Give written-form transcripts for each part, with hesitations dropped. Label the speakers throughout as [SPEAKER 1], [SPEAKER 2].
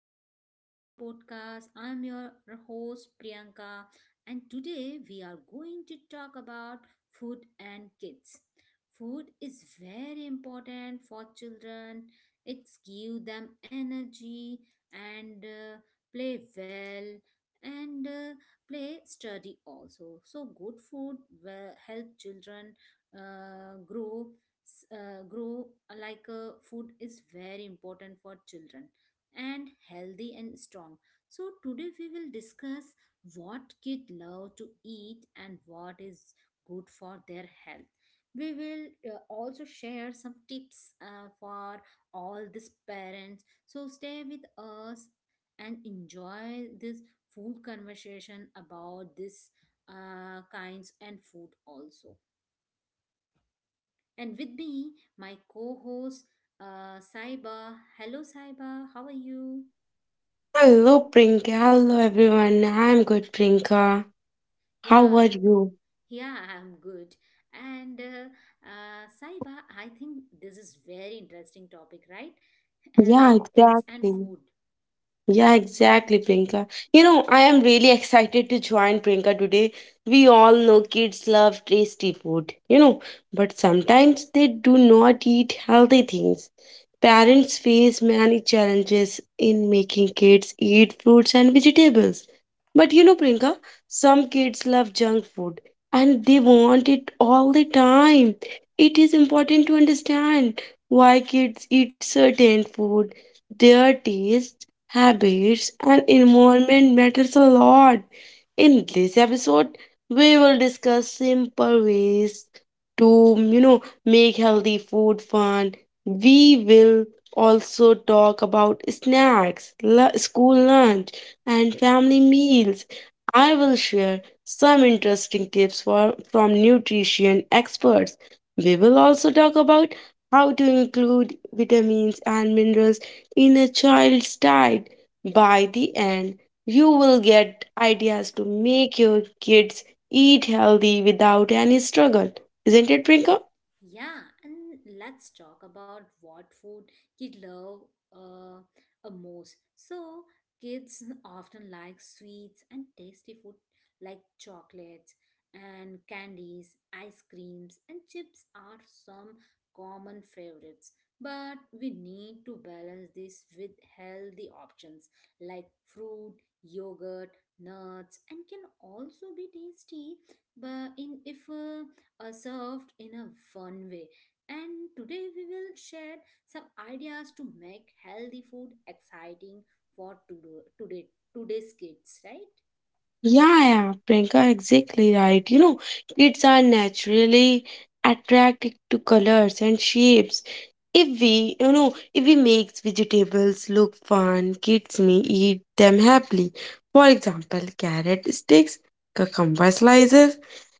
[SPEAKER 1] welcome to our podcast. I'm your host Priyanka, and today we are going to talk about food and kids. Food is very important for children. It gives them energy and play well and play study also. So good food will help children grow s- grow like food is very important for children and healthy and strong, so today we will discuss what kids love to eat and what is good for their health. We will also share some tips for all these parents, so stay with us and enjoy this full conversation about this kinds and food also, and with me, my co host, Saiba. Hello, Saiba. How are you?
[SPEAKER 2] Hello, Prinka. Hello, everyone. I'm good, Prinka. How
[SPEAKER 1] Yeah,
[SPEAKER 2] are you?
[SPEAKER 1] yeah, I'm good. And Saiba, I think this is very interesting topic, right?
[SPEAKER 2] Yeah,
[SPEAKER 1] Like kids and
[SPEAKER 2] exactly.
[SPEAKER 1] food.
[SPEAKER 2] Yeah, exactly, Prinka. I am really excited to join Prinka today. We all know kids love tasty food, but sometimes they do not eat healthy things. Parents face many challenges in making kids eat fruits and vegetables. But Prinka, some kids love junk food and they want it all the time. It is important to understand why kids eat certain food. Their taste, habits, and environment matters a lot. In this episode, we will discuss simple ways to make healthy food fun. We will also talk about snacks, school lunch, and family meals. I will share some interesting tips from nutrition experts. We will also talk about how to include vitamins and minerals in a child's diet. By the end, you will get ideas to make your kids eat healthy without any struggle. Isn't it, Prinka?
[SPEAKER 1] Yeah, and let's talk about what food kids love uh, most. So, kids often like sweets and tasty food, like chocolates and candies, ice creams, and chips are some common favorites. But we need to balance this with healthy options like fruit, yogurt, nuts, and can also be tasty. But in if served in a fun way. And today we will share some ideas to make healthy food exciting for today's kids, right?
[SPEAKER 2] Yeah, yeah, Priyanka, exactly right. Kids are naturally attracted to colors and shapes. If we make vegetables look fun, kids may eat them happily. For example, carrot sticks, cucumber slices,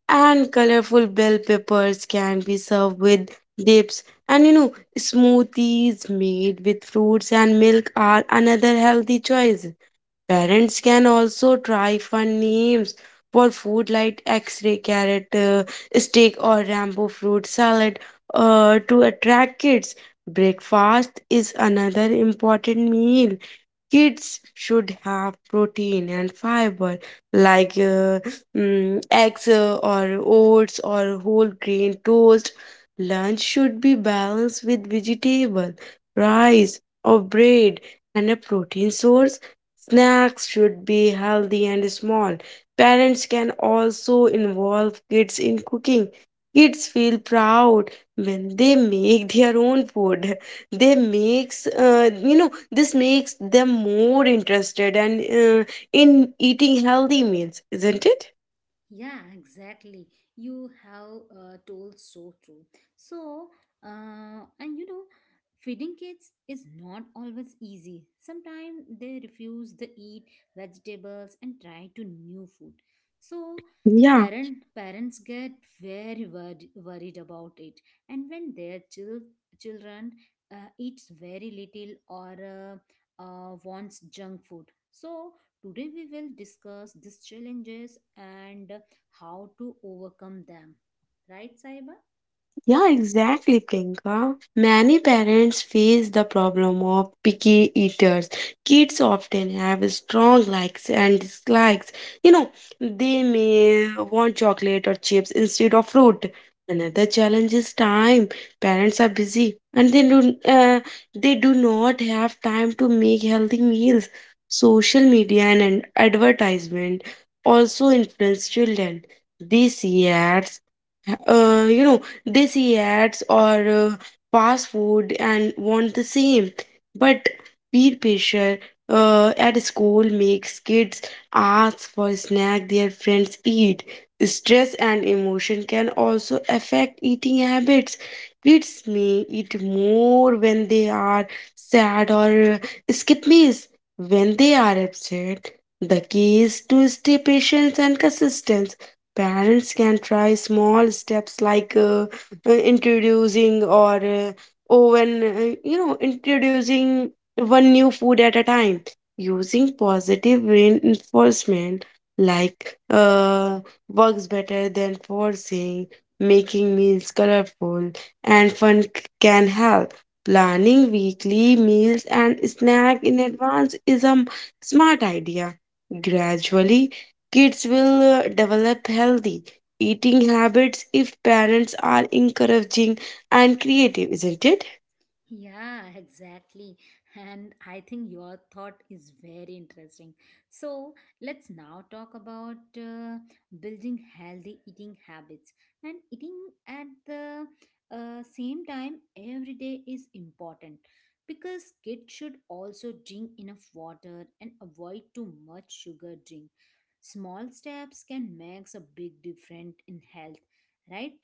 [SPEAKER 2] and colorful bell peppers can be served with dips. And smoothies made with fruits and milk are another healthy choice. Parents can also try fun names for food like X-ray carrot, steak, or Rambo fruit salad, to attract kids. Breakfast is another important meal. Kids should have protein and fiber like eggs, or oats or whole grain toast. Lunch should be balanced with vegetable, rice or bread, and a protein source. Snacks should be healthy and small. Parents can also involve kids in cooking. Kids feel proud when they make their own food. They makes, this makes them more interested and in eating healthy meals, isn't it?
[SPEAKER 1] Yeah, exactly. You have told so true. So, and feeding kids is not always easy. Sometimes they refuse to eat vegetables and try to new food. So,
[SPEAKER 2] Yeah.
[SPEAKER 1] parents get very worried about it. And when their children eats very little or wants junk food, so today, we will discuss these challenges and how to overcome them. Right, Saiba?
[SPEAKER 2] Yeah, exactly, Priyanka. Many parents face the problem of picky eaters. Kids often have strong likes and dislikes. You know, they may want chocolate or chips instead of fruit. Another challenge is time. Parents are busy and they do not have time to make healthy meals. Social media and advertisement also influence children. These ads uh, you know they see ads or fast food and want the same. But peer pressure at school makes kids ask for snack their friends eat. Stress and emotion can also affect eating habits. Kids may eat more when they are sad, or skip meals when they are upset. The key is to stay patient and consistent. Parents can try small steps, like introducing or oven, you know, introducing one new food at a time, using positive reinforcement like works better than forcing, making meals colorful and fun can help. Planning weekly meals and snack in advance is a smart idea. Gradually, kids will develop healthy eating habits if parents are encouraging and creative, isn't it?
[SPEAKER 1] Yeah, exactly. And I think your thought is very interesting. So, let's now talk about building healthy eating habits. And eating at the same time every day is important, because kids should also drink enough water and avoid too much sugar drink. Small steps can make a big difference in health, right?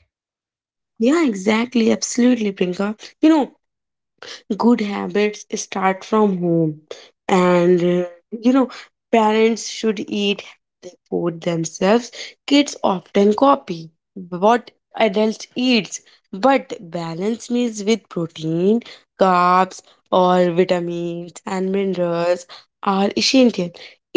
[SPEAKER 2] Yeah, exactly. Absolutely, Prinka. You know, good habits start from home, and parents should eat healthy food themselves. Kids often copy what adults eats, but balance meals with protein, carbs, or vitamins and minerals are essential.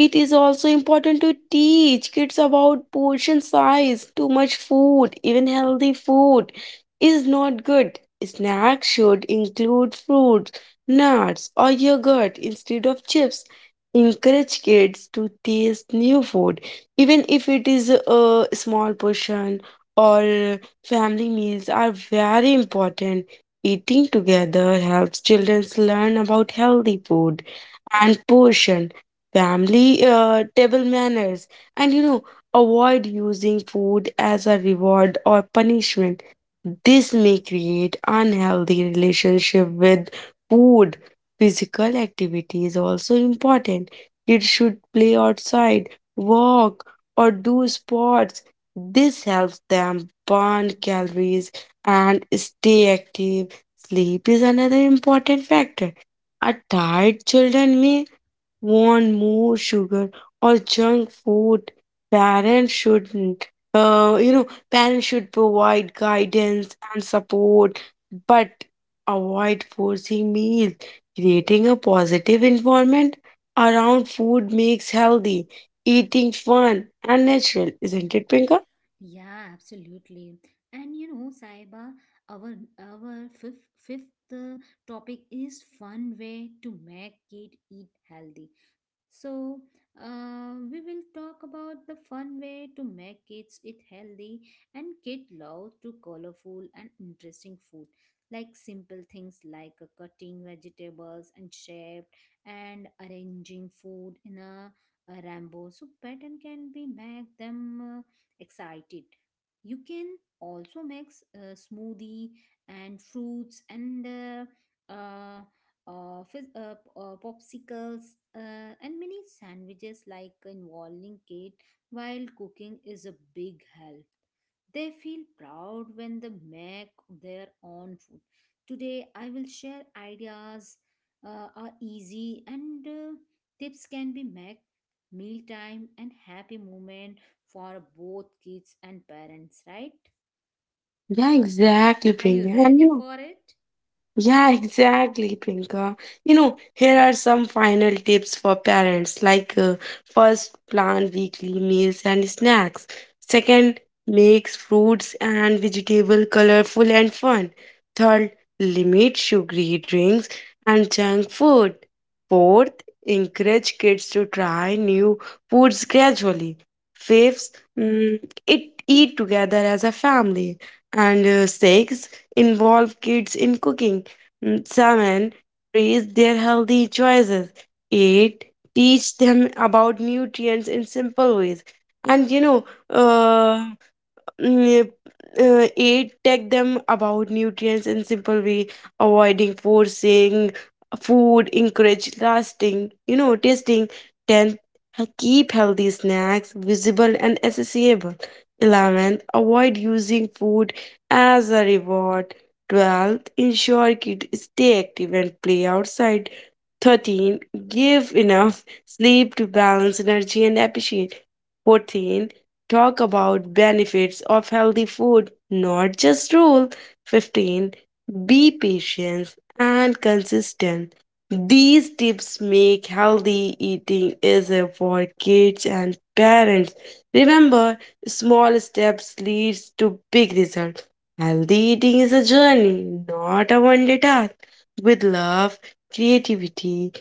[SPEAKER 2] It is also important to teach kids about portion size. Too much food, even healthy food, is not good. Snacks should include fruits, nuts, or yogurt instead of chips. Encourage kids to taste new food, even if it is a small portion, or family meals are very important. Eating together helps children learn about healthy food and portion, family table manners, and avoid using food as a reward or punishment. This may create unhealthy relationship with food. Physical activity is also important. Kids should play outside, walk, or do sports. This helps them burn calories and stay active. Sleep is another important factor. A tired children may want more sugar or junk food. Parents shouldn't. Parents should provide guidance and support, but avoid forcing meals. Creating a positive environment around food makes healthy eating fun and natural, isn't it, Prinka?
[SPEAKER 1] Yeah, absolutely. And you know, Saiba, our our fifth topic is fun way to make it eat healthy. So, we will talk about the fun way to make kids eat healthy, and kid love to colorful and interesting food, like simple things like cutting vegetables and shape and arranging food in a rainbow. So, pattern can be make them excited. You can also mix smoothie and fruits and uh, uh, fizz, popsicles, and many sandwiches, like involving Kate while cooking is a big help. They feel proud when they make their own food. Today, I will share ideas are easy, and tips can be made mealtime and happy moment for both kids and parents, right?
[SPEAKER 2] Yeah, exactly,
[SPEAKER 1] Are you
[SPEAKER 2] Prinka.
[SPEAKER 1] ready for it?
[SPEAKER 2] Yeah, exactly, Pinka. Here are some final tips for parents, like first, plan weekly meals and snacks. Second, makes fruits and vegetable colorful and fun. Third, limit sugary drinks and junk food. Fourth, encourage kids to try new foods gradually. Fifth, mm, it eat together as a family. And sixth, involve kids in cooking. Salmon, praise their healthy choices. Eight, teach them about nutrients in simple ways. And mm, aid tech them about nutrients in simple way, avoiding forcing food, encourage lasting, tasting. 10, keep healthy snacks visible and accessible. 11th, avoid using food as a reward. 12th, ensure kids stay active and play outside. 13, give enough sleep to balance energy and appreciate. 14, talk about benefits of healthy food, not just rule. 15, be patient and consistent. These tips make healthy eating easier for kids and parents. Remember, small steps leads to big results. Healthy eating is a journey, not a one-day task. With love, creativity,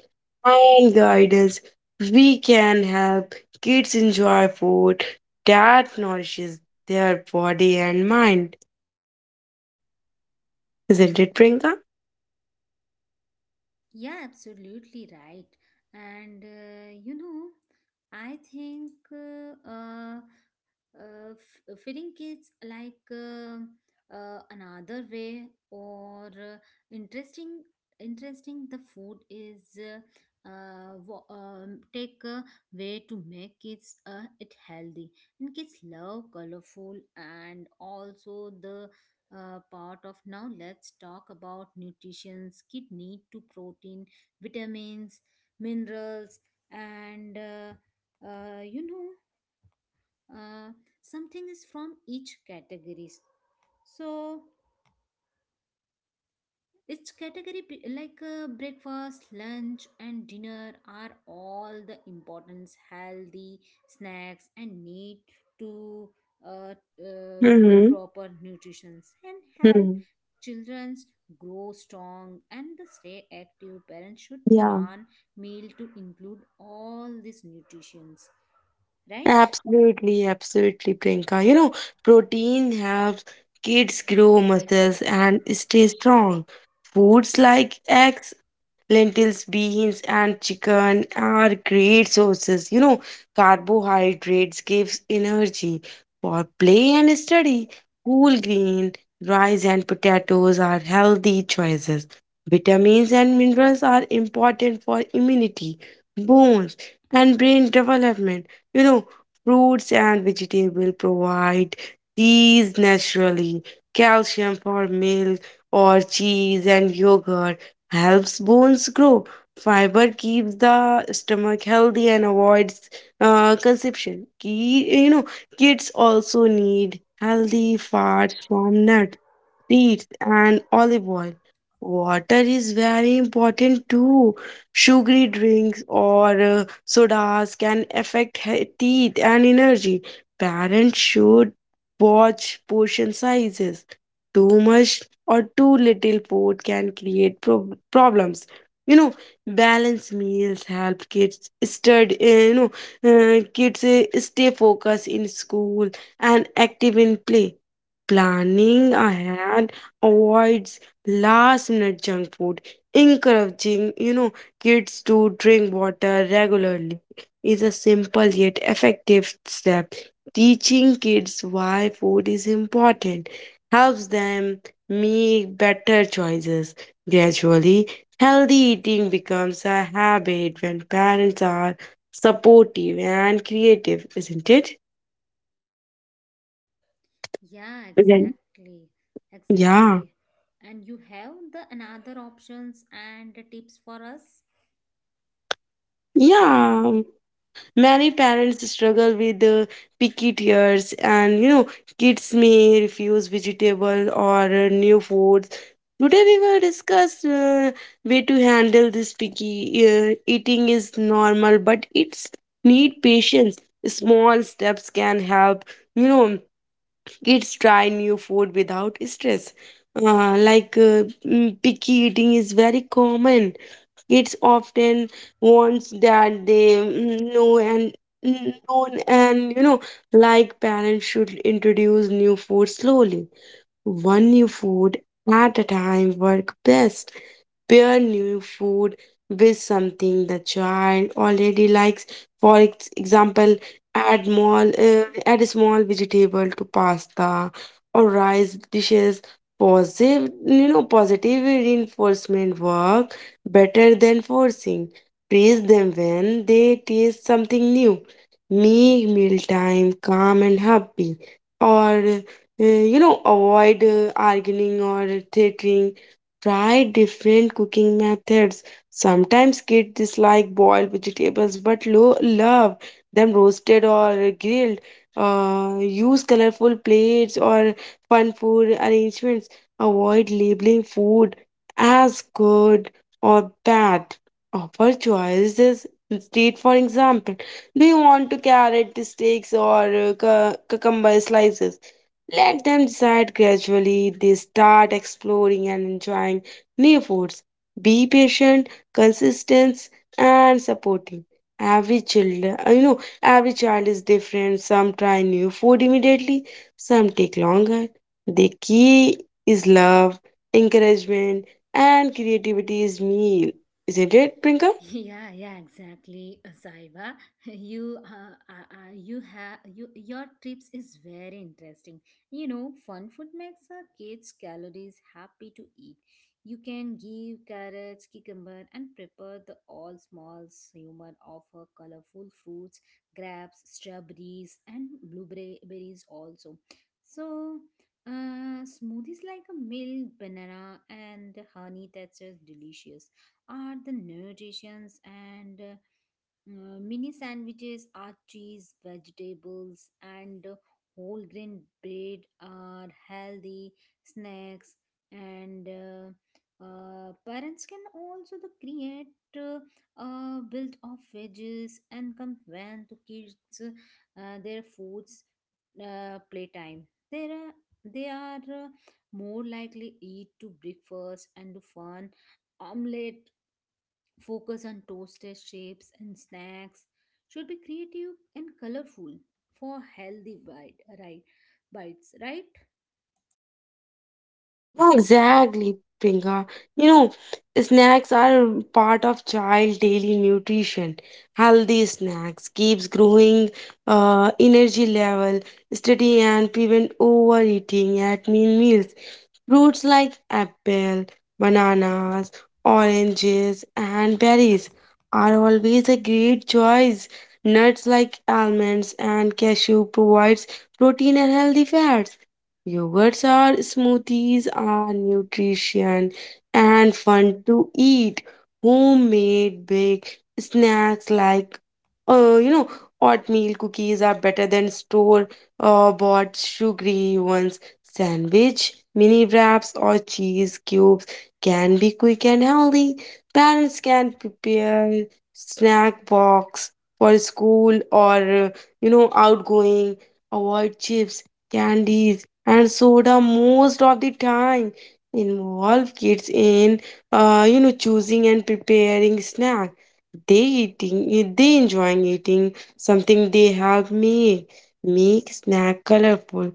[SPEAKER 2] and guidance, we can help kids enjoy food that nourishes their body and mind. Isn't it, Priyanka?
[SPEAKER 1] Yeah, absolutely right. And I think feeding kids like another way or interesting interesting the food is take a way to make kids it healthy, and kids love colorful and also the part of. Now let's talk about nutrition. Kid need to protein, vitamins, minerals, and uh, you know uh, something is from each categories, so its category, like breakfast, lunch, and dinner, are all the importance. Healthy snacks and need to uh, uh, the
[SPEAKER 2] Mm-hmm.
[SPEAKER 1] proper nutrition and help
[SPEAKER 2] Hmm.
[SPEAKER 1] children's grow strong and the stay active. Parents should
[SPEAKER 2] Yeah.
[SPEAKER 1] plan meal to include all these nutritions, right?
[SPEAKER 2] Absolutely, absolutely, Priyanka. Protein helps kids grow muscles and stay strong. Foods like eggs, Lentils, beans, and chicken are great sources. Carbohydrates gives energy for play and study. Whole grain, rice, and potatoes are healthy choices. Vitamins and minerals are important for immunity, bones, and brain development. You know, fruits and vegetables provide these naturally. Calcium for milk or cheese and yogurt helps bones grow. Fiber keeps the stomach healthy and avoids consumption. Kids also need healthy fats from nuts, seeds, and olive oil. Water is very important too. Sugary drinks or sodas can affect teeth and energy. Parents should watch portion sizes. Too much or too little food can create problems. You know, balanced meals help kids stay focused in school and active in play. Planning ahead avoids last minute junk food. Encouraging, kids to drink water regularly is a simple yet effective step. Teaching kids why food is important helps them make better choices. Gradually, healthy eating becomes a habit when parents are supportive and creative, isn't it?
[SPEAKER 1] Yeah,
[SPEAKER 2] Then-
[SPEAKER 1] exactly,
[SPEAKER 2] yeah,
[SPEAKER 1] exactly. And you have the another options and tips for us.
[SPEAKER 2] yeah. Many parents struggle with picky tears, and kids may refuse vegetable or new foods. Today, we will discuss way to handle this picky. Eating is normal, but it's need patience. Small steps can help. You know, kids try new food without stress. Picky eating is very common. Kids often wants that they know, and known, and like parents should introduce new food slowly. One new food at a time work best. Pair new food with something the child already likes. For example, add add a small vegetable to pasta or rice dishes. Positive reinforcement work better than forcing. Praise them when they taste something new. Make mealtime calm and happy. Or, avoid arguing or threatening. Try different cooking methods. Sometimes kids dislike boiled vegetables but love them roasted or grilled. Use colorful plates or fun food arrangements. Avoid labeling food as good or bad. Offer choices instead. For example, do you want to carrot steaks or cucumber slices? Let them decide. Gradually, they start exploring and enjoying new foods. Be patient, consistent, and supporting. Every child, every child is different. Some try new food immediately, some take longer. The key is love, encouragement, and creativity is meal. Isn't it, Prinka?
[SPEAKER 1] Yeah, yeah, exactly, Saiba. You have you. Your trips is very interesting. You know, fun food makes our kids calories happy to eat. You can give carrots, cucumber, and prepare the all small humor of her colorful fruits, grapes, strawberries, and blueberries also. So. Smoothies like a milk, banana, and honey, that's just delicious, are the nutritions, and mini sandwiches are cheese vegetables and whole grain bread are healthy snacks, and parents can also the create uh, built of veggies and convey to kids their foods playtime. There are they are more likely eat to breakfast and to fun omelette. Focus on toaster shapes, and snacks should be creative and colorful for healthy bite, right, bites, right?
[SPEAKER 2] Yeah, exactly, Pinga. You know, snacks are part of child daily nutrition. Healthy snacks keeps growing energy level steady and prevent overeating at meals. Fruits like apple, bananas, oranges, and berries are always a great choice. Nuts like almonds and cashew provides protein and healthy fats. Yogurts are smoothies are nutrition and fun to eat. Homemade big snacks like uh, you know oatmeal cookies are better than store bought sugary ones. Sandwich, mini wraps or cheese cubes can be quick and healthy. Parents can prepare snack box for school, or uh, outgoing. Avoid chips, candies, and soda most of the time. Involve kids in, choosing and preparing snack. They eating, they enjoying eating something they help make. Make snack colorful,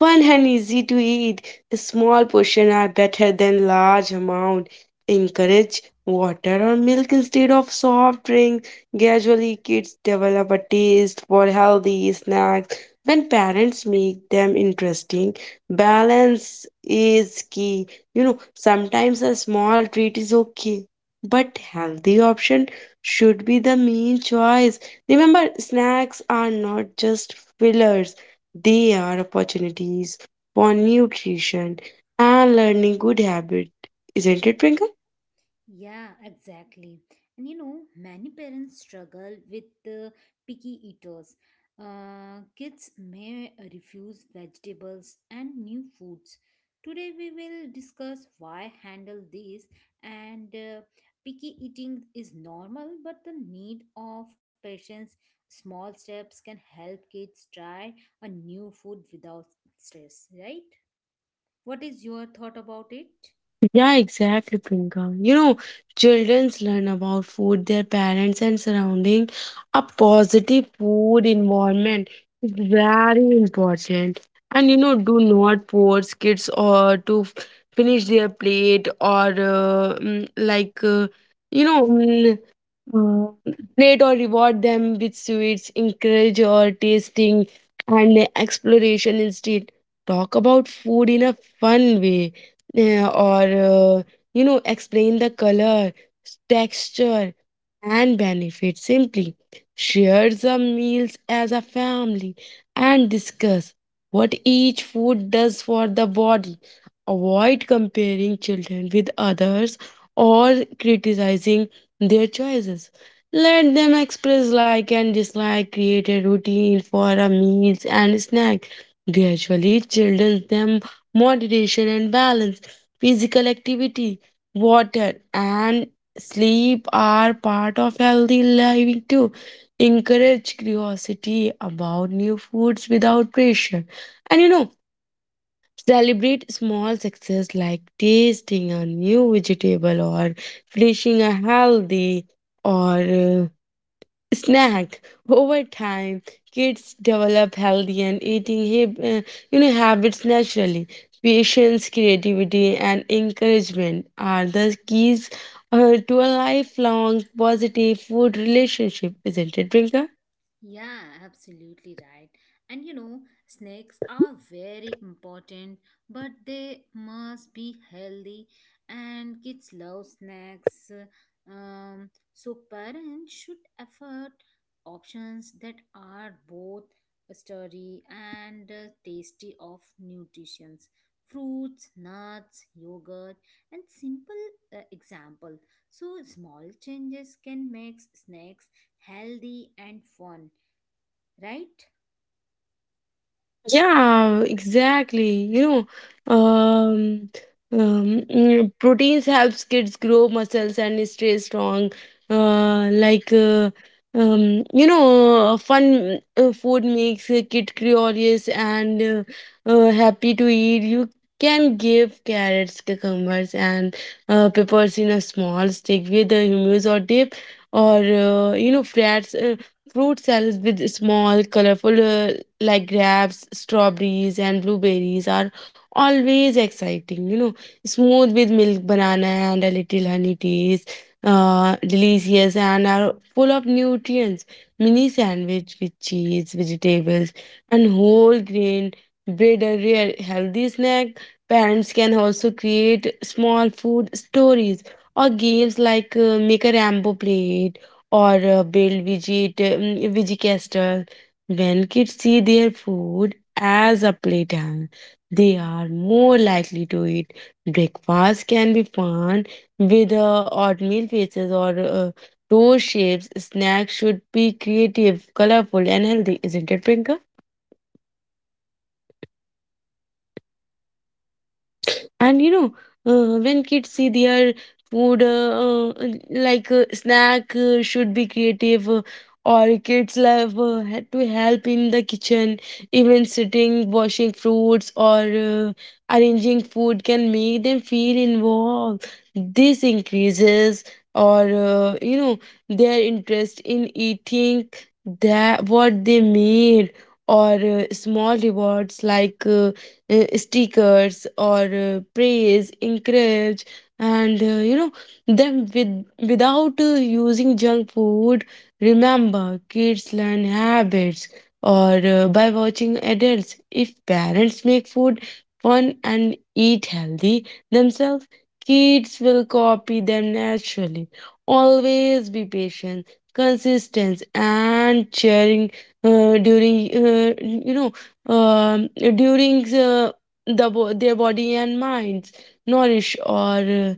[SPEAKER 2] fun, and easy to eat. Small portion are better than large amount. Encourage water or milk instead of soft drink. Gradually, kids develop a taste for healthy snacks when parents make them interesting. Balance is key. Sometimes a small treat is okay, but healthy option should be the main choice. Remember, snacks are not just fillers. They are opportunities for nutrition and learning good habit. Isn't it, Prinka?
[SPEAKER 1] Yeah, exactly. And you know, many parents struggle with the picky eaters. Kids may refuse vegetables and new foods. Today, we will discuss why handle these, and picky eating is normal, but the need of patience. Small steps can help kids try a new food without stress, right? What is your thought about it?
[SPEAKER 2] Yeah, exactly, Priyanka. You know, childrens learn about food, their parents and surrounding. A positive food environment is very important. And you know, do not force kids or to finish their plate or like you know. mm, uh, rate or reward them with sweets, encourage or tasting and exploration instead. Talk about food in a fun way, or uh, explain the color, texture, and benefit simply. Share the meals as a family and discuss what each food does for the body. Avoid comparing children with others or criticizing their choices. Let them express like and dislike. Create a routine for a meals and snack. Gradually children them moderation and balance. Physical activity, water and sleep are part of healthy living too. Encourage curiosity about new foods without pressure. And you know, celebrate small success like tasting a new vegetable or finishing a healthy or snack. Over time, kids develop healthy and eating habits naturally. Patience, creativity, and encouragement are the keys to a lifelong positive food relationship, isn't it, Rinka?
[SPEAKER 1] Yeah, absolutely right. And you know, snakes are very important, but they must be healthy. And kids love snacks. So parents should effort options that are both sturdy and tasty of nutritions. Fruits, nuts, yogurt, and simple example. So small changes can make snacks healthy and fun, right?
[SPEAKER 2] Yeah, exactly. You know, proteins helps kids grow muscles and stay strong. Like, fun food makes a kid curious and happy to eat. You can give carrots, cucumbers, and peppers in a small stick with a hummus or dip, or fruit salads with small, colorful uh, like grapes, strawberries, and blueberries are always exciting. You know, smooth with milk, banana, and a little honey taste. Delicious and are full of nutrients. Mini sandwich with cheese, vegetables, and whole grain bread are rare healthy snack. Parents can also create small food stories or games like make a Rambo plate or build veggie. When kids see their food as a playtime, they are more likely to eat. Breakfast can be fun with oatmeal faces or toast shapes. Snacks should be creative, colorful, and healthy, isn't it, Prinka? And you know, when kids see their food, like snack should be creative, or kids love to help in the kitchen, even sitting, washing fruits, or arranging food can make them feel involved. This increases, or uh, you know, their interest in eating that what they made, or small rewards like, stickers or praise encourage and them with without using junk food. Remember, kids learn habits or by watching adults. If parents make food fun and eat healthy themselves, kids will copy them naturally. Always be patient, consistent and sharing during you know during the bo- their body and minds nourish or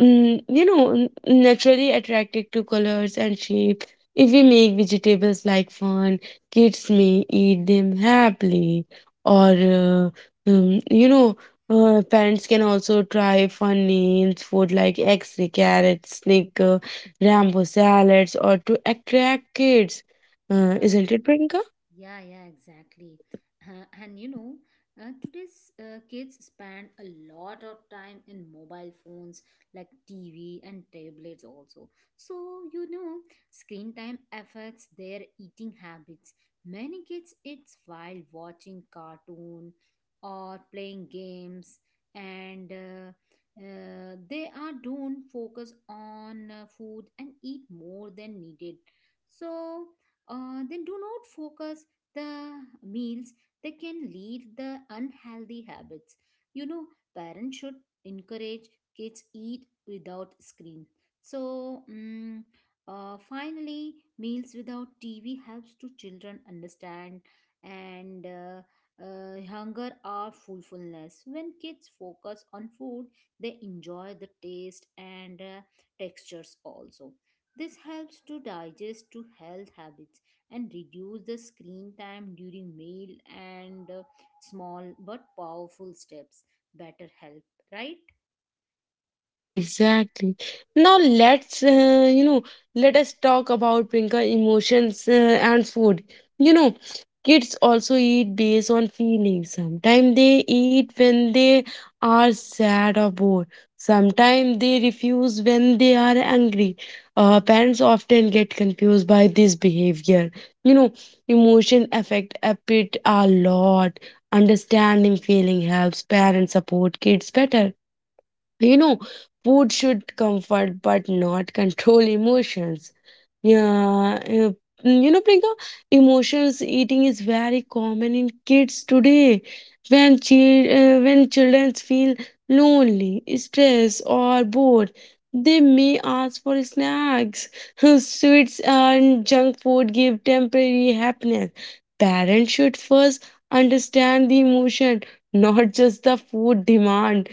[SPEAKER 2] mm, you know n- naturally attracted to colors and shape. If we make vegetables like fun, kids may eat them happily. Or you know Parents can also try fun names food like x-ray carrots, snicker, rambo salads or to attract kids,
[SPEAKER 1] Yeah,
[SPEAKER 2] isn't it, Prinka?
[SPEAKER 1] yeah, yeah, exactly. And you know, today's kids spend a lot of time in mobile phones like TV and tablets also. So, you know, screen time affects their eating habits. Many kids eat while watching cartoon or playing games, and they are don't focus on food and eat more than needed. So, then do not focus the meals, that can lead the unhealthy habits. You know, parents should encourage kids eat without screen. So finally meals without TV helps to children understand and hunger or fullfulness. When kids focus on food, they enjoy the taste and textures also. This helps to digest to health habits and reduce the screen time during meal, and small but powerful steps better help, right?
[SPEAKER 2] Yeah, exactly. Now let's you know let us talk about Prinka emotions and food. You know, kids also eat based on feelings. Sometimes they eat when they are sad or bored. Sometimes they refuse when they are angry. Parents often get confused by this behavior. You know, emotion affect appetite a lot. Understanding feeling helps parents support kids better. You know, food should comfort but not control emotions. Yeah, you know, Priyanka, emotions eating is very common in kids today. When children feel lonely, stressed, or bored, they may ask for snacks, sweets, and junk food give temporary happiness. Parents should first understand the emotion, not just the food demand.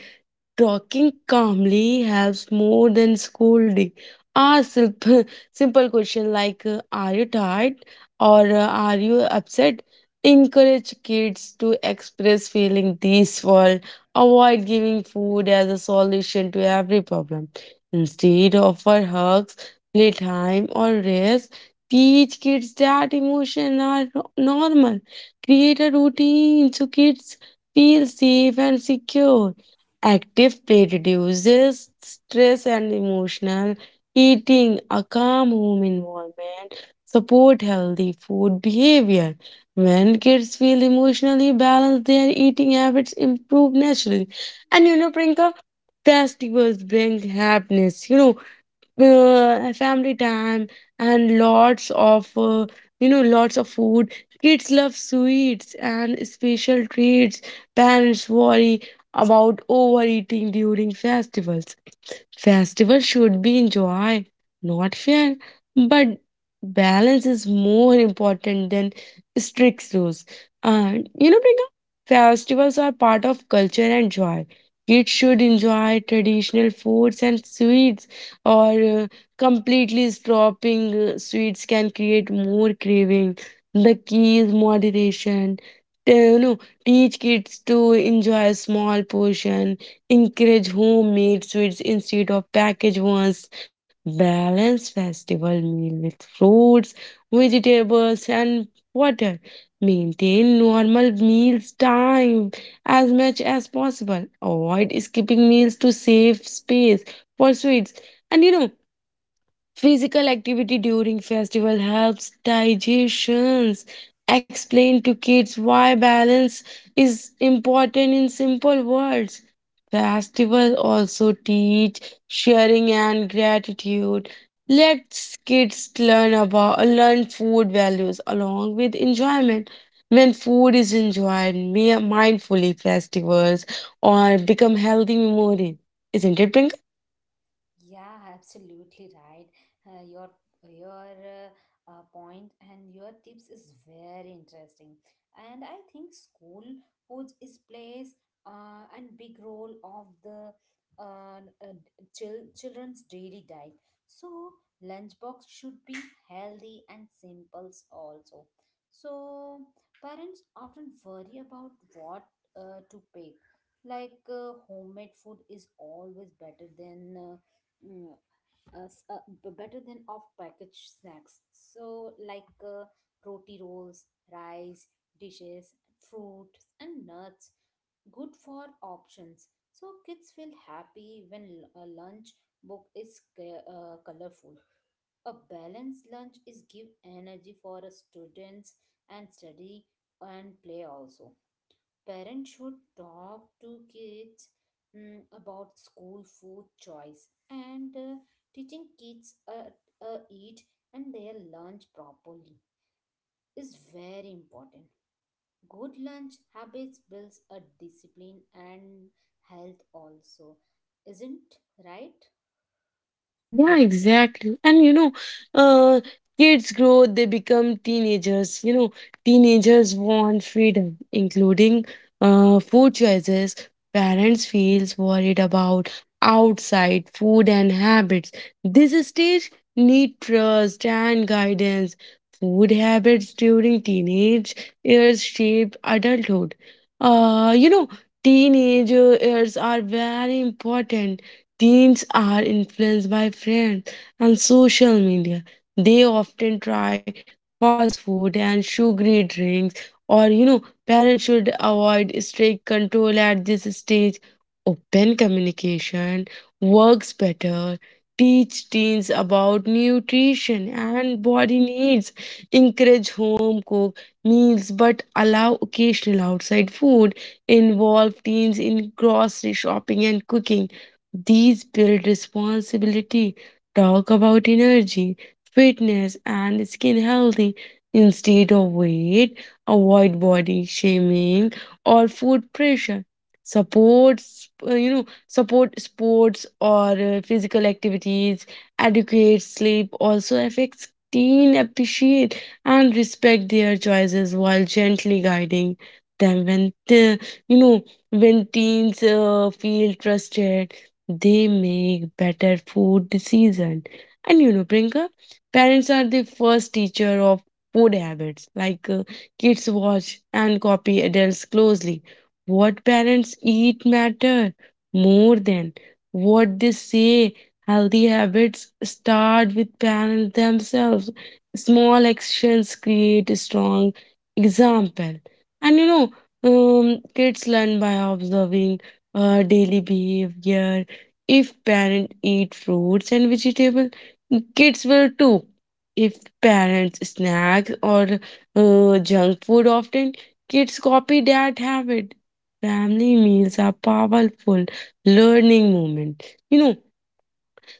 [SPEAKER 2] Talking calmly helps more than scolding. Ask simple, simple question like "Are you tired?" or "Are you upset?" Encourage kids to express feeling this world. Avoid giving food as a solution to every problem. Instead, offer hugs, playtime, or rest. Teach kids that emotions are normal. Create a routine so kids feel safe and secure. Active play reduces stress and emotional eating. A calm home environment support healthy food behavior. When kids feel emotionally balanced, their eating habits improve naturally. And you know, Prinka, festivals bring happiness. You know, family time and lots of food. Kids love sweets and special treats. Parents worry about overeating during festivals. Festivals should be enjoyed, not fear, but balance is more important than strict rules. And you know, Priyanka, festivals are part of culture and joy. Kids should enjoy traditional foods and sweets, or completely stopping sweets can create more craving. The key is moderation. You know, teach kids to enjoy a small portion, encourage homemade sweets instead of packaged ones, balance festival meal with fruits, vegetables, and water. Maintain normal meals time as much as possible. Avoid skipping meals to save space for sweets. And you know, physical activity during festival helps digestions. Explain to kids why balance is important in simple words. Festival also teach sharing and gratitude. Let's kids learn about learn food values along with enjoyment. When food is enjoyed mindfully, festivals or become healthy memory. Isn't it, Pringle?
[SPEAKER 1] Yeah, absolutely right. Uh, your your point and your tips is very interesting. And I think school foods is plays and big role of the uh, uh, children's daily diet. So lunchbox should be healthy and simples also. So parents often worry about what to pick. Like homemade food is always better than. Mm, Better than off-package snacks. So, like roti rolls, rice, dishes, fruits, and nuts. Good for options. So, kids feel happy when a lunch book is colorful. A balanced lunch is give energy for a students and study and play also. Parents should talk to kids about school food choice, and teaching kids eat and their lunch properly is very important. Good lunch habits builds a discipline and health also, isn't right?
[SPEAKER 2] Yeah, exactly. And you know, uh, kids grow, they become teenagers. You know, teenagers want freedom, including food choices. Parents feels worried about outside food and habits. This stage need trust and guidance. Food habits during teenage years shape adulthood. You know, teenage years are very important. Teens are influenced by friends and social media. They often try fast food and sugary drinks. Or you know, parents should avoid strict control at this stage. Open communication works better. Teach teens about nutrition and body needs. Encourage home cooked meals but allow occasional outside food. Involve teens in grocery shopping and cooking. These build responsibility. Talk about energy, fitness, and skin healthy instead of weight. Avoid body shaming or food pressure. Support, support sports or physical activities. Adequate sleep also affects teen appreciate and respect their choices while gently guiding them you know when teens feel trusted, they make better food decision. And you know, Prinka, parents are the first teacher of food habits, like kids watch and copy adults closely. What parents eat matter more than what they say. Healthy habits start with parents themselves. Small actions create a strong example. And you know, kids learn by observing daily behavior. If parents eat fruits and vegetables, kids will too. If parents snack or junk food often, kids copy that habit. Family meals are powerful learning moment. You know,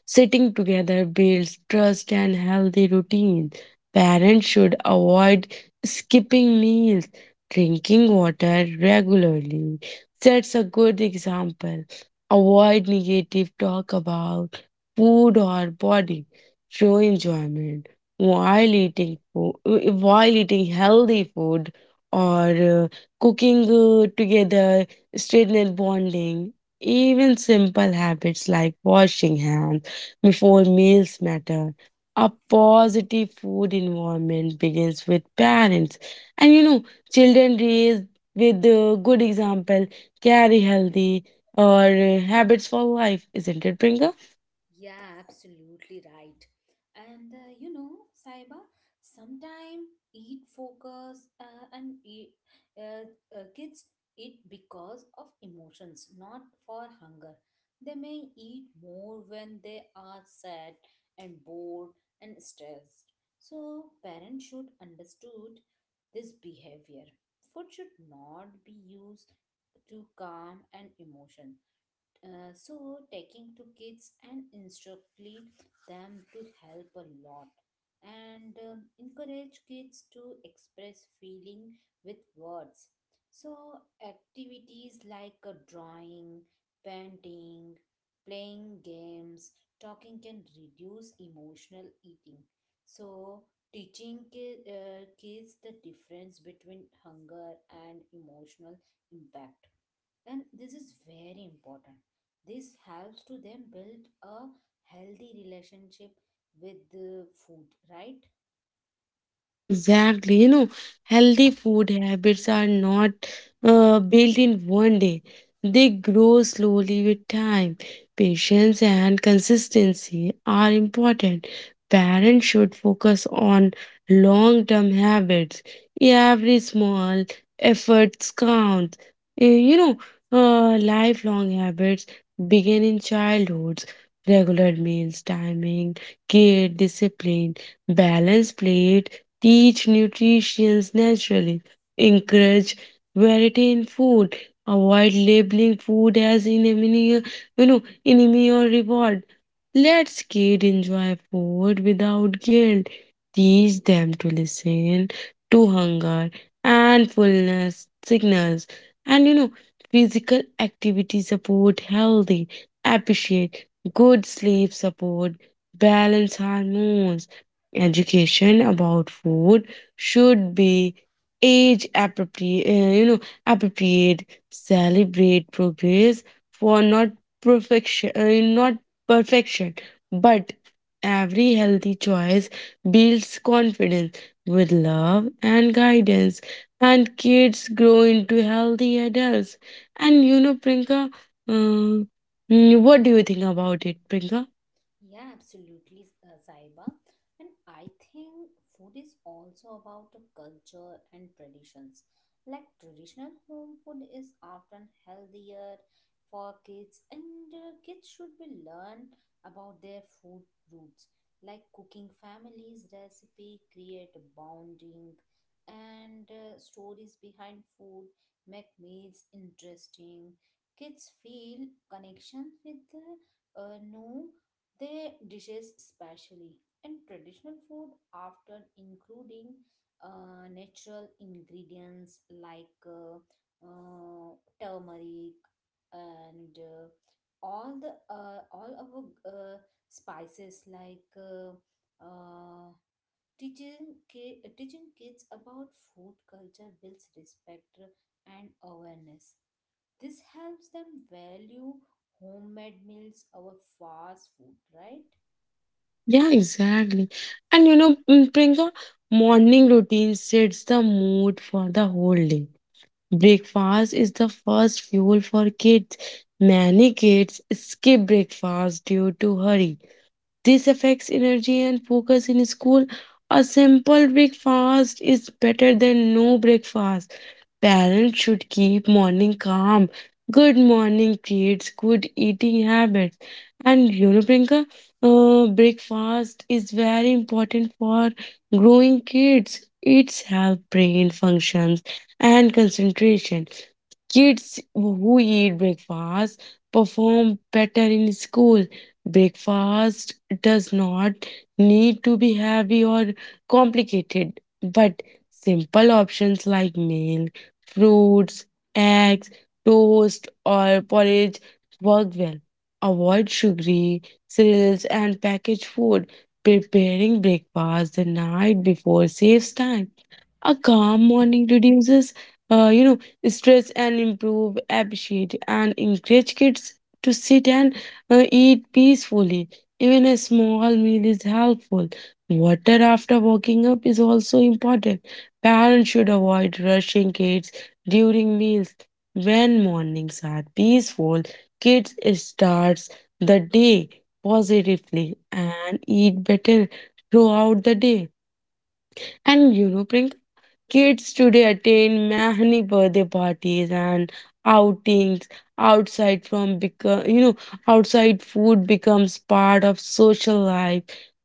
[SPEAKER 2] sitting together builds trust and healthy routines. Parents should avoid skipping meals. Drinking water regularly sets a good example. Avoid negative talk about food or body. Show enjoyment while eating healthy food or cooking together, strengthen bonding. Even simple habits like washing hands before meals matter. A positive food environment begins with parents. And you know, children raised with a good example carry healthy or habits for life, isn't it, Pringa?
[SPEAKER 1] Yeah, absolutely right. And you know, Saiba, sometime eat focus and eat, uh, kids eat because of emotions, not for hunger. They may eat more when they are sad and bored and stressed. So parents should understood this behavior. Food should not be used to calm an emotion, so taking to kids and instructing them to help a lot, and encourage kids to express feeling with words. So activities like drawing, painting, playing games, talking can reduce emotional eating. So teaching kids the difference between hunger and emotional impact, and this is very important. This helps to them build a healthy relationship with the food, right?
[SPEAKER 2] Yeah, exactly. You know, healthy food habits are not built in one day. They grow slowly with time. Patience and consistency are important. Parents should focus on long term habits. Every small efforts count. You know, lifelong habits begin in childhood. Regular meals, timing, care, discipline, balanced plate teach nutrition naturally. Encourage variety in food, avoid labeling food as enemy, you know, enemy or reward. Let's kid enjoy food without guilt. Teach them to listen to hunger and fullness signals. And you know, physical activity support healthy, appreciate good sleep support, balance hormones. Education about food should be age appropriate, celebrate progress for not perfection, not perfection, but every healthy choice builds confidence. With love and guidance, and kids grow into healthy adults. And you know, Prinka, um, what do you think about it, Prinka?
[SPEAKER 1] Yeah, absolutely, Saiba. And I think food is also about the culture and traditions. Like traditional home food is often healthier for kids, and kids should be learn about their food roots. Like cooking families recipe, create bonding, and stories behind food make meals interesting. Kids feel connections with the no their dishes specially, and traditional food often including natural ingredients like uh, turmeric, and all the all our uh, spices like uh, teaching teaching kids about food culture builds respect and awareness. This helps them value homemade meals over fast food, right?
[SPEAKER 2] Yeah, exactly. And you know, Prinka, morning routine sets the mood for the whole day. Breakfast is the first fuel for kids. Many kids skip breakfast due to hurry. This affects energy and focus in school. A simple breakfast is better than no breakfast. Parents should keep morning calm. Good morning creates good eating habits. And you know, Priyanka, breakfast is very important for growing kids. It's help brain functions and concentration. Kids who eat breakfast perform better in school. Breakfast does not need to be heavy or complicated, but simple options like milk, fruits, eggs, toast, or porridge work well. Avoid sugary cereals and packaged food. Preparing breakfast the night before saves time. A calm morning reduces, uh, you know, stress and improve appetite and encourage kids to sit and eat peacefully. Even a small meal is helpful. Water after waking up is also important. Parents should avoid rushing kids during meals. When mornings are peaceful, kids starts the day positively and eat better throughout the day. And you know, Priyanka, kids today attend many birthday parties and outings outside from become you know outside food becomes part of social life.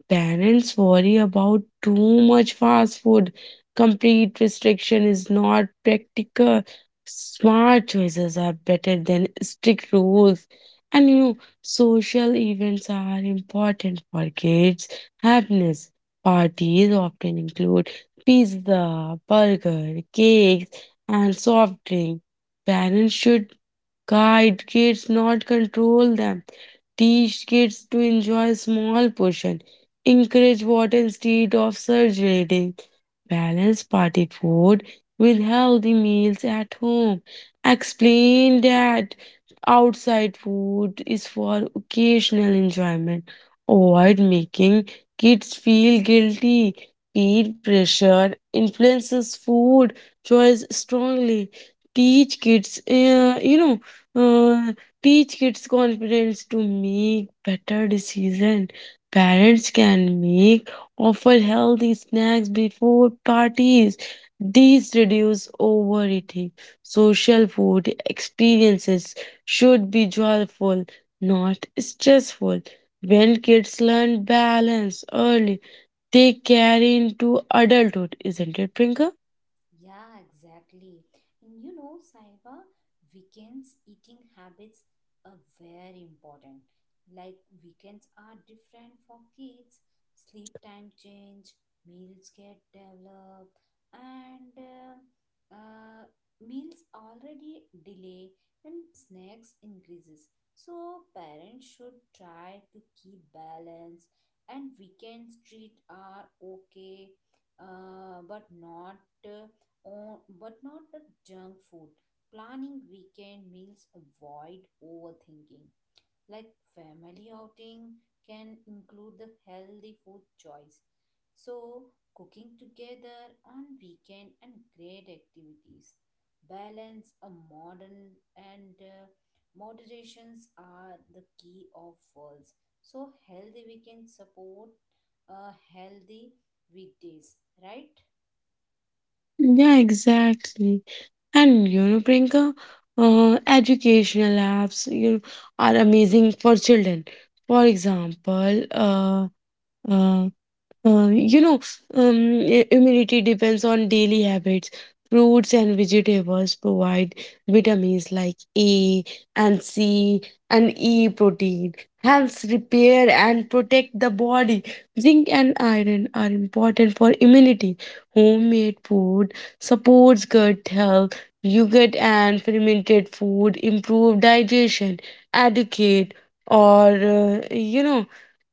[SPEAKER 2] Parents worry about too much fast food. Complete restriction is not practical. Smart choices are better than strict rules. And you know, social events are important for kids' happiness. Parties often include pizza, burger, cakes, and soft drink. Parents should guide kids, not control them. Teach kids to enjoy small portion. Encourage water instead of surge rating. Balance party food with healthy meals at home. Explain that outside food is for occasional enjoyment. Avoid making kids feel guilty. Peer pressure influences food choice strongly. Teach kids, uh, you know, uh, teach kids confidence to make better decision. Parents can make offer healthy snacks before parties. These reduce overeating. Social food experiences should be joyful, not stressful. When kids learn balance early, they carry into adulthood, isn't it, Prinka?
[SPEAKER 1] Yeah, exactly. And you know, Saiba, weekends eating habits are very important. Like weekends are different for kids, sleep time change, meals get developed, and meals already delay and snacks increases. So parents should try to keep balance, and weekends treat are okay, but not. Uh, but not the junk food. Planning weekend meals avoid overthinking. Like family outing can include the healthy food choice. So cooking together on weekend and great activities. Balance a modern and moderations are the key of worlds. So healthy weekend support a healthy weekdays, right?
[SPEAKER 2] Yeah, exactly. And you know, Prinka, educational apps, you know, are amazing for children. For example, uh, Uh, you know, um, I- immunity depends on daily habits. Fruits and vegetables provide vitamins like A and C and E protein. Helps repair and protect the body. Zinc and iron are important for immunity. Homemade food supports gut health. Yogurt and fermented food improve digestion. Educate or you know.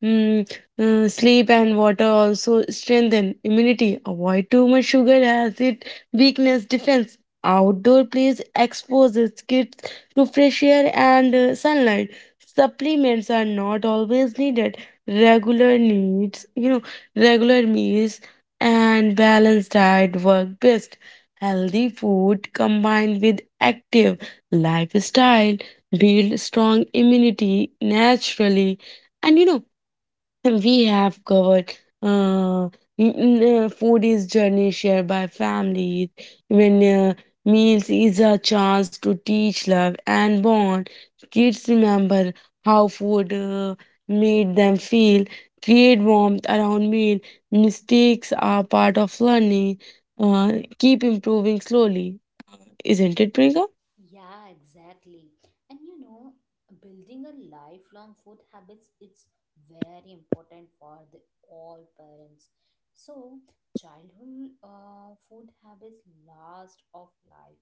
[SPEAKER 2] Mm, Sleep and water also strengthen immunity. Avoid too much sugar as it weakness defense. Outdoor plays exposes kids to fresh air and sunlight. Supplements are not always needed. Regular needs, you know, regular meals and balanced diet work best. Healthy food combined with active lifestyle build strong immunity naturally. And you know, we have covered uh, m- food is journey shared by families. When meals is a chance to teach love and bond, kids remember how food made them feel. Create warmth around meal. Mistakes are part of learning. Uh, Keep improving slowly, isn't it, Priyanka?
[SPEAKER 1] Yeah, exactly. And you know, building a lifelong food habits it's very important for the all parents. So, childhood food habits last of life.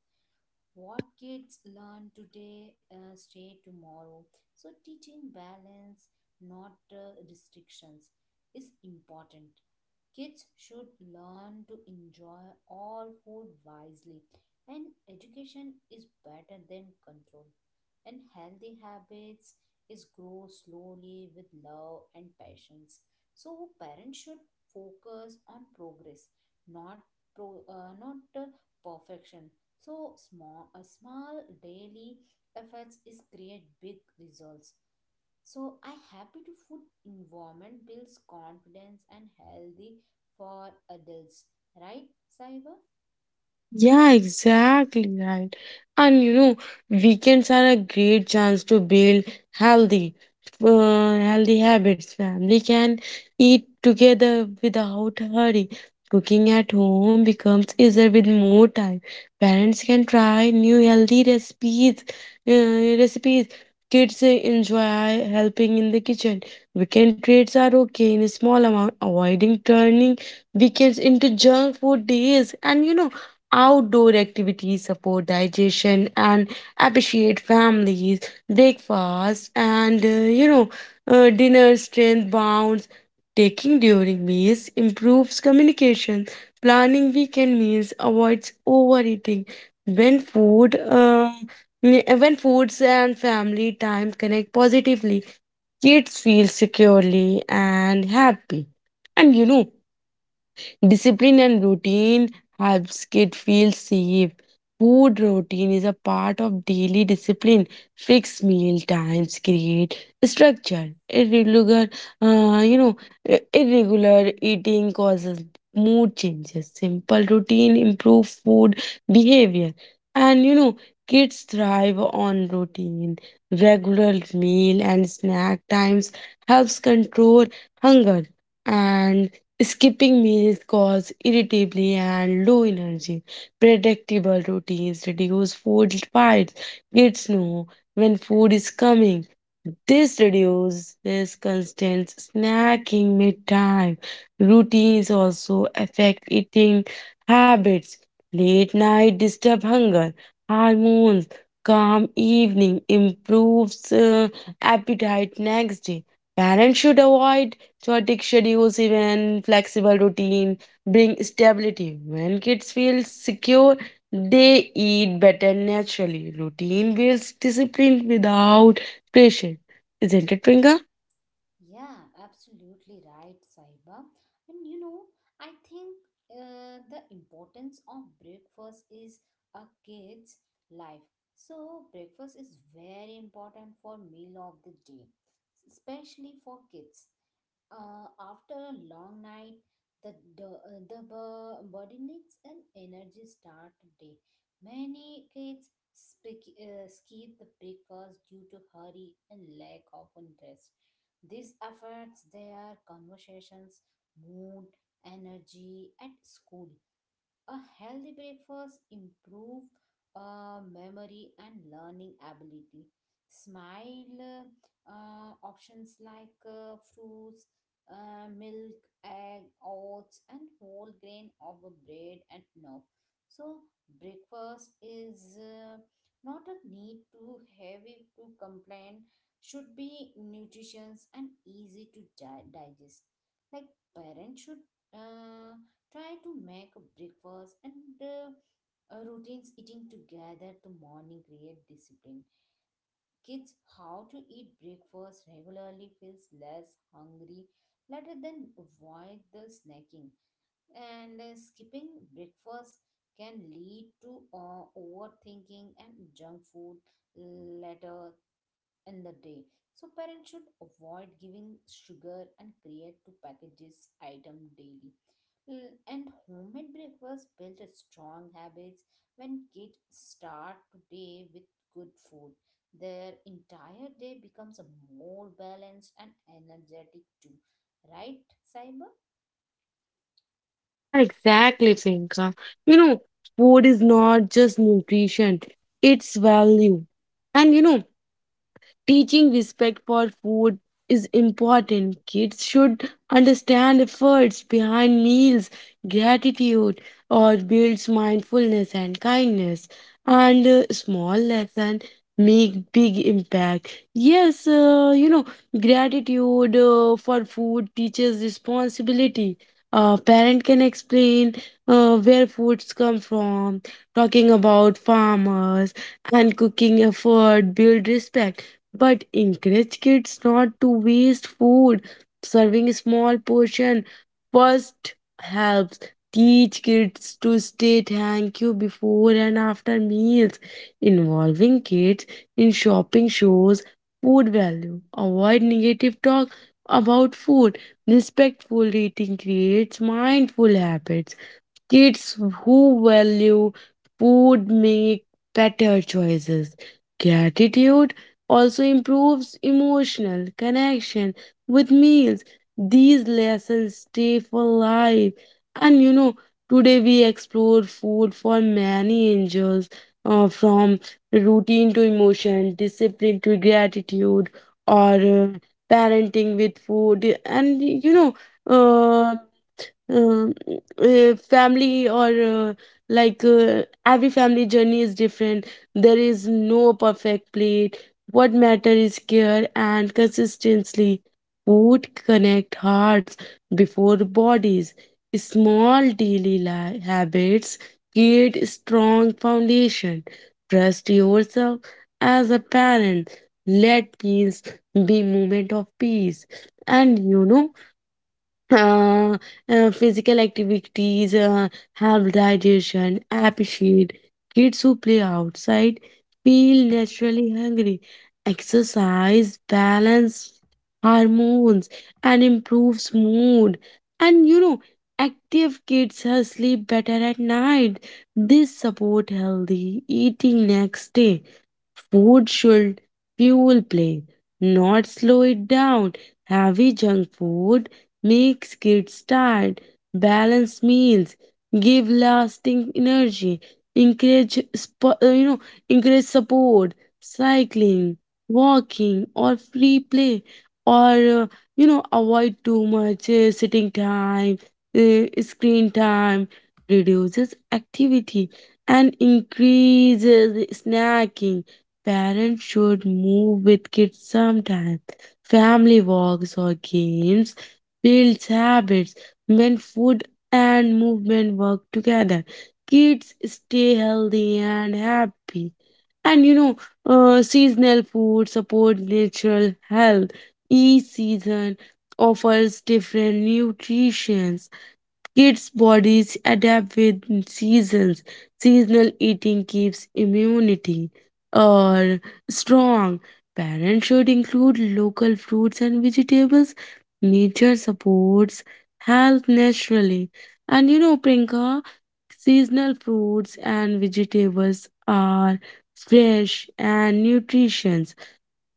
[SPEAKER 1] What kids learn today stay tomorrow. So, teaching balance, not restrictions, is important. Kids should learn to enjoy all food wisely, and education is better than control. And healthy habits is grow slowly with love and patience. So parents should focus on progress, not not perfection. So small a small daily efforts is create big results so I happy to food environment builds confidence and healthy for adults, right, Saiba?
[SPEAKER 2] Yeah, exactly right. And you know, weekends are a great chance to build healthy, uh, healthy habits. Family can eat together without hurry. Cooking at home becomes easier with more time. Parents can try new healthy recipes. Recipes. Kids enjoy helping in the kitchen. Weekend treats are okay in a small amount, avoiding turning weekends into junk food days. And you know, outdoor activities support digestion and appreciate families, breakfast, and dinner strength bounds. Taking during meals improves communication. Planning weekend meals avoids overeating. When food, uh, when foods and family time connect positively, kids feel securely and happy. And you know, discipline and routine helps kids feel safe. Food routine is a part of daily discipline. Fixed meal times create structure. Irregular, you know, I- irregular eating causes mood changes. Simple routine improve food behavior, and you know, kids thrive on routine. Regular meal and snack times helps control hunger and skipping meals cause irritability and low energy. Predictable routines reduce food fights. Kids know when food is coming. This reduces constant snacking mid-time. Routines also affect eating habits. Late night disturb hunger. Hormones. Calm evening improves appetite next day. Parents should avoid chaotic schedules, even flexible routine bring stability. When kids feel secure, they eat better naturally. Routine builds discipline without pressure. Isn't it, Pringa?
[SPEAKER 1] Yeah, absolutely right, Saiba. And you know, I think the importance of breakfast is a kid's life. So breakfast is very important for meal of the day, especially for kids. After a long night, the body needs an energy start day. Many kids skip the breakfast due to hurry and lack of interest. This affects their conversations, mood, energy at school. A healthy breakfast improve memory and learning ability. Smile options like fruits, milk, egg, oats, and whole grain of a bread and enough. So breakfast is not a need to heavy to complain. Should be nutritious and easy to digest. Like parents should. Uh, Try to make a breakfast and uh, routines eating together to morning create discipline. Kids, how to eat breakfast regularly feels less hungry later, than avoid the snacking. And skipping breakfast can lead to overthinking and junk food later in the day. So parents should avoid giving sugar and create to packages item daily. And homemade breakfast build a strong habits when kids start today with good food. Their entire day becomes a more balanced and energetic too. Right, Cyber?
[SPEAKER 2] Yeah, exactly, Priyanka. You know, food is not just nutrition, it's value. And you know, teaching respect for food is important. Kids should understand efforts behind meals, gratitude, or builds mindfulness and kindness. And small lesson make big impact. Yes, gratitude for food teaches responsibility. A parent can explain where foods come from, talking about farmers and cooking effort build respect but encourage kids not to waste food. Serving a small portion first helps. Teach kids to say thank you before and after meals. Involving kids in shopping shows food value. Avoid negative talk about food. Respectful eating creates mindful habits. Kids who value food make better choices. Gratitude also improves emotional connection with meals. These lessons stay for life. And you know, today we explore food for many angels from routine to emotion, discipline to gratitude, or parenting with food. And you know, uh, um, family or like every family journey is different, there is no perfect plate, what matter is care and consistency, food connect hearts before bodies, small daily habits create strong foundation, trust yourself as a parent, let peace be moment of peace. And you know, uh, physical activities help digestion appreciate kids who play outside feel naturally hungry, exercise balance hormones and improves mood. And you know, active kids sleep better at night, this support healthy eating next day. Food should fuel play, not slow it down. Heavy junk food makes kids tired. Balanced meals give lasting energy. Encourage, spo- you know, encourage support, cycling, walking, or free play, or uh, avoid too much sitting time, screen time. Reduces activity and increases snacking. Parents should move with kids sometimes. Family walks or games builds habits when food and movement work together. Kids stay healthy and happy. And you know, seasonal food support natural health. Each season offers different nutrition. Kids' bodies adapt with seasons. Seasonal eating keeps immunity or strong. Parents should include local fruits and vegetables. Nature supports health naturally. And you know, Prinka, seasonal fruits and vegetables are fresh and nutritious.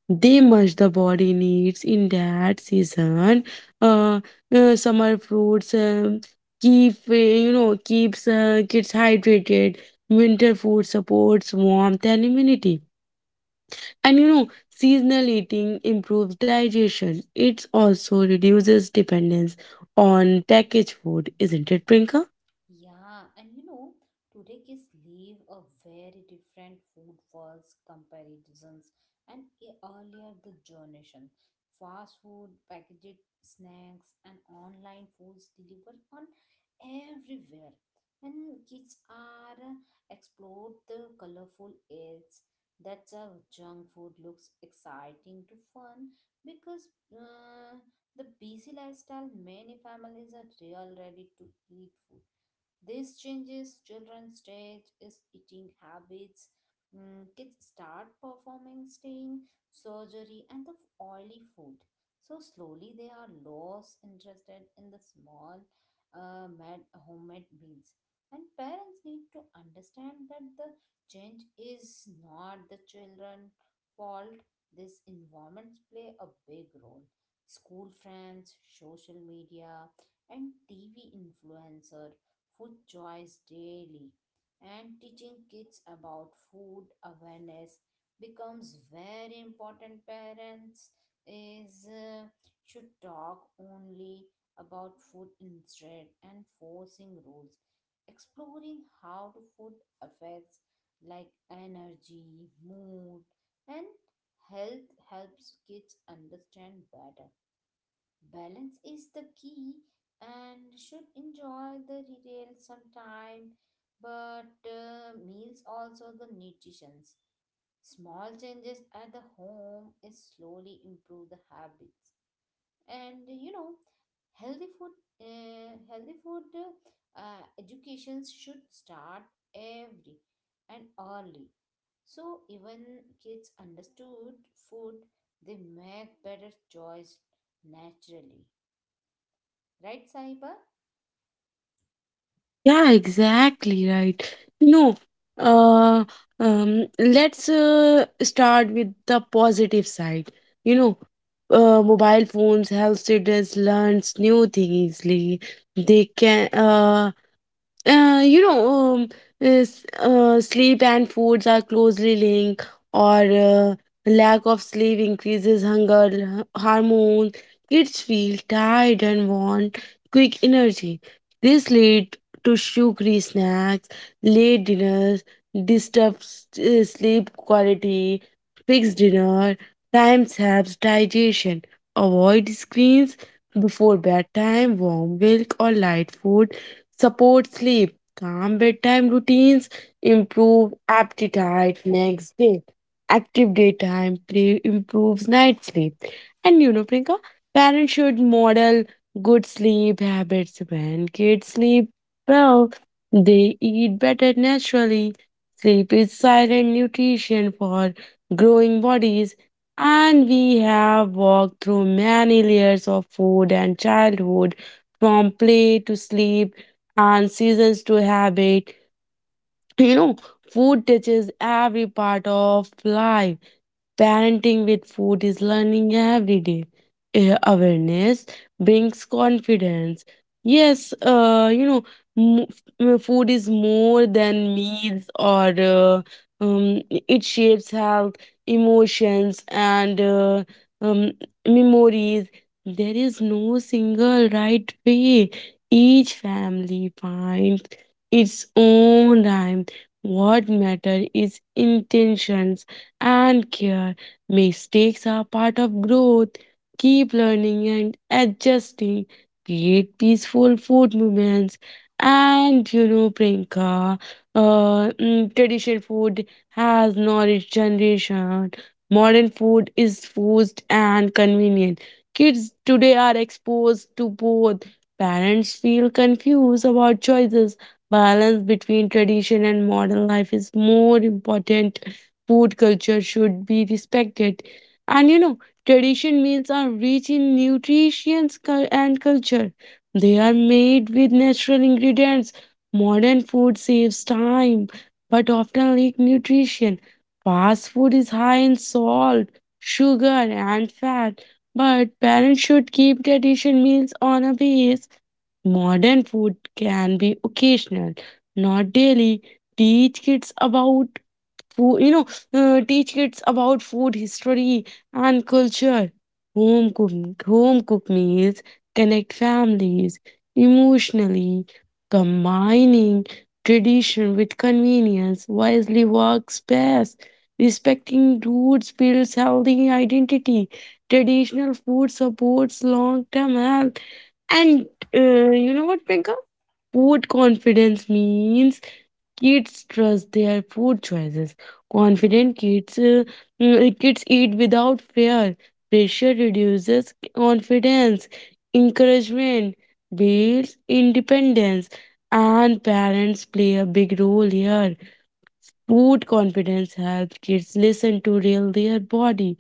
[SPEAKER 2] They much the body needs in that season. Uh, Summer fruits keep you know keeps kids hydrated. Winter food supports warmth and immunity. And you know, seasonal eating improves digestion. It also reduces dependence on packaged food, isn't it, Prinka?
[SPEAKER 1] Yeah, and you know, today kids live a very different food worlds comparisons and earlier the generation. Fast food, packaged snacks, and online foods delivered on everywhere. And kids are explore the colorful ads. That's how junk food looks exciting to fun because the busy lifestyle many families are real ready to eat food, this changes children's stage is eating habits. Kids start performing stain, surgery, and the oily food. So slowly they are lost interested in the small mad, homemade meals. And parents need to understand that the change is not the children' fault. These environments play a big role. School friends, social media, and TV influencer food choice daily and teaching kids about food awareness becomes very important parents is should talk only about food instead and forcing rules exploring how the food affects like energy, mood, and health helps kids understand better. Balance is the key and should enjoy the retail sometime, but meals also the nutritions. Small changes at the home is slowly improve the habits. And you know, healthy food, healthy food education should start every and early. So even kids understood food, they make better choice naturally. Right, Saiba?
[SPEAKER 2] Yeah, exactly right. No, uh, let's start with the positive side. You know, mobile phones help students learn new things easily. They can uh, you know, um, is, sleep and foods are closely linked, or lack of sleep increases hunger l- hormone. Kids feel tired and want quick energy. This lead to sugary snacks, late dinners, disturbs sleep quality, fixed dinner, time saps digestion. Avoid screens before bedtime, warm milk or light food support sleep, calm bedtime routines, improve appetite next day. Active daytime play improves night sleep. And you know, Prinka, parents should model good sleep habits when kids sleep well. They eat better naturally. Sleep is silent nutrition for growing bodies. And we have walked through many layers of food and childhood, from play to sleep and seasons to habit. You know, food touches every part of life. Parenting with food is learning every day. Eh, awareness brings confidence. Yes, mo- food is more than meals or it shapes health, emotions, and um, memories. There is no single right way. Each family finds its own rhyme. What matter is intentions and care. Mistakes are part of growth. Keep learning and adjusting. Create peaceful food movements. And you know, Prinka, traditional food has nourished generation. Modern food is forced and convenient. Kids today are exposed to both. Parents feel confused about choices. Balance between tradition and modern life is more important. Food culture should be respected. And you know, tradition meals are rich in nutrition and culture. They are made with natural ingredients. Modern food saves time but often lack nutrition. Fast food is high in salt, sugar, and fat, but parents should keep tradition meals on a base. Modern food can be occasional, not daily. Teach kids about food you know teach kids about food history and culture, home cook meals connect families emotionally, combining tradition with convenience wisely works best, respecting roots builds healthy identity, traditional food supports long-term health. And you know what, Priyanka? Food confidence means kids trust their food choices. Confident kids eat without fear. Pressure reduces confidence. Encouragement builds independence, and parents play a big role here. Food confidence helps kids listen to real their body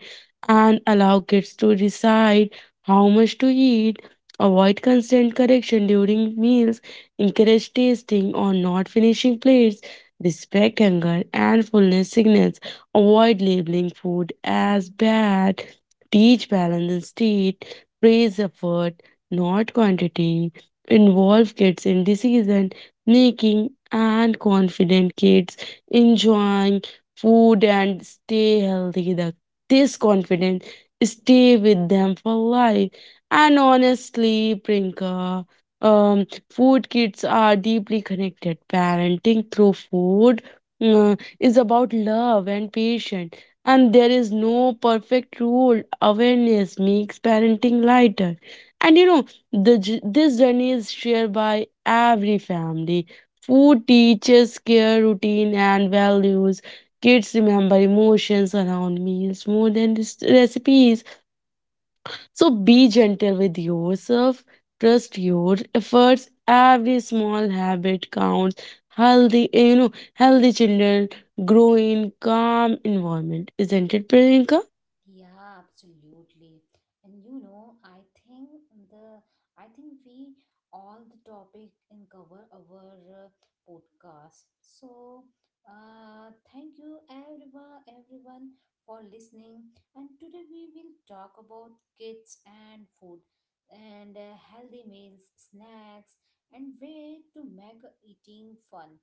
[SPEAKER 2] and allow kids to decide how much to eat. Avoid constant correction during meals. Encourage tasting or not finishing plates. Respect hunger and fullness signals. Avoid labeling food as bad. Teach balance instead. Praise effort, not quantity. Involve kids in decision making, and confident kids enjoying food and stay healthy. This confidence stay with them for life. And honestly, Prinka, food kits are deeply connected. Parenting through food is about love and patience. And there is no perfect rule. Awareness makes parenting lighter. And you know, this journey is shared by every family. Food teaches care, routine, and values. Kids remember emotions around meals more than recipes. So be gentle with yourself. Trust your efforts. Every small habit counts. Healthy, you know, healthy children grow in calm environment. Isn't it, Priyanka?
[SPEAKER 1] Yeah, absolutely. And you know, I think the I think we all the topic in cover our podcast. So, thank you everyone for listening. And today we will talk about kids and food and healthy meals, snacks, and way to make eating fun.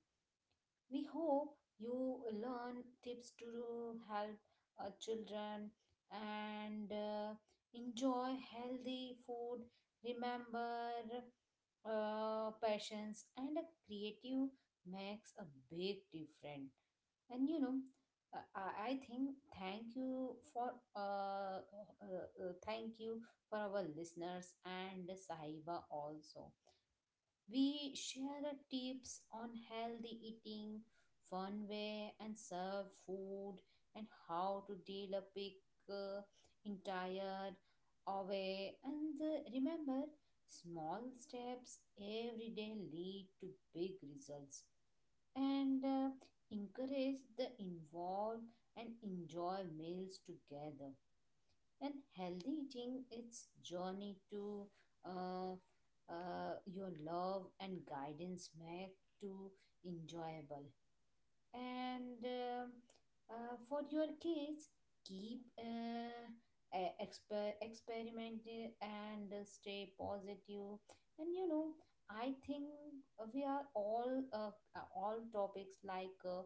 [SPEAKER 1] We hope you learn tips to help children and enjoy healthy food. Remember, passions and a creative makes a big difference. And you know, I think uh, thank you for our listeners and sahiba also we share the tips on healthy eating, fun way, and serve food, and how to deal a pig uh, in tired away. And remember, small steps every day lead to big results. And encourage the involve and enjoy meals together and healthy eating its journey to uh, your love and guidance make to enjoyable and for your kids keep experiment and stay positive. And you know, I think we are all topics like uh,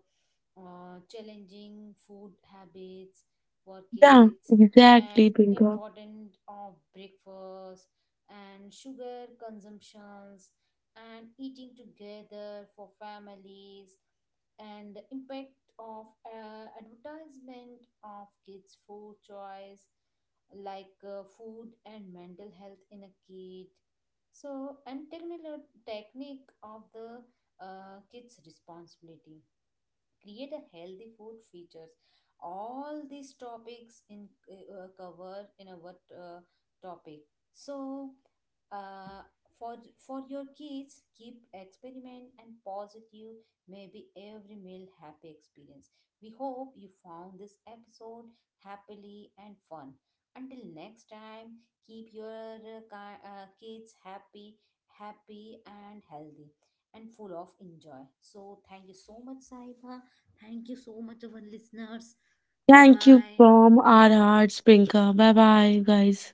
[SPEAKER 1] uh, challenging food habits for
[SPEAKER 2] Yeah,
[SPEAKER 1] kids
[SPEAKER 2] exactly,
[SPEAKER 1] and
[SPEAKER 2] Priyanka.
[SPEAKER 1] important of breakfast and sugar consumptions and eating together for families and the impact of advertisement of kids food choice like food and mental health in a kid so and technical technique of the kids responsibility create a healthy food features, all these topics in covered in a what topic. So, uh, for your kids keep experiment and positive maybe every meal happy experience. We hope you found this episode happily and fun. Until next time, keep your kids happy and healthy and full of enjoy. So thank you so much, Saiba. Thank you so much, our listeners. Bye
[SPEAKER 2] Thank you
[SPEAKER 1] bye.
[SPEAKER 2] from our hearts, Priyanka. Bye bye, guys.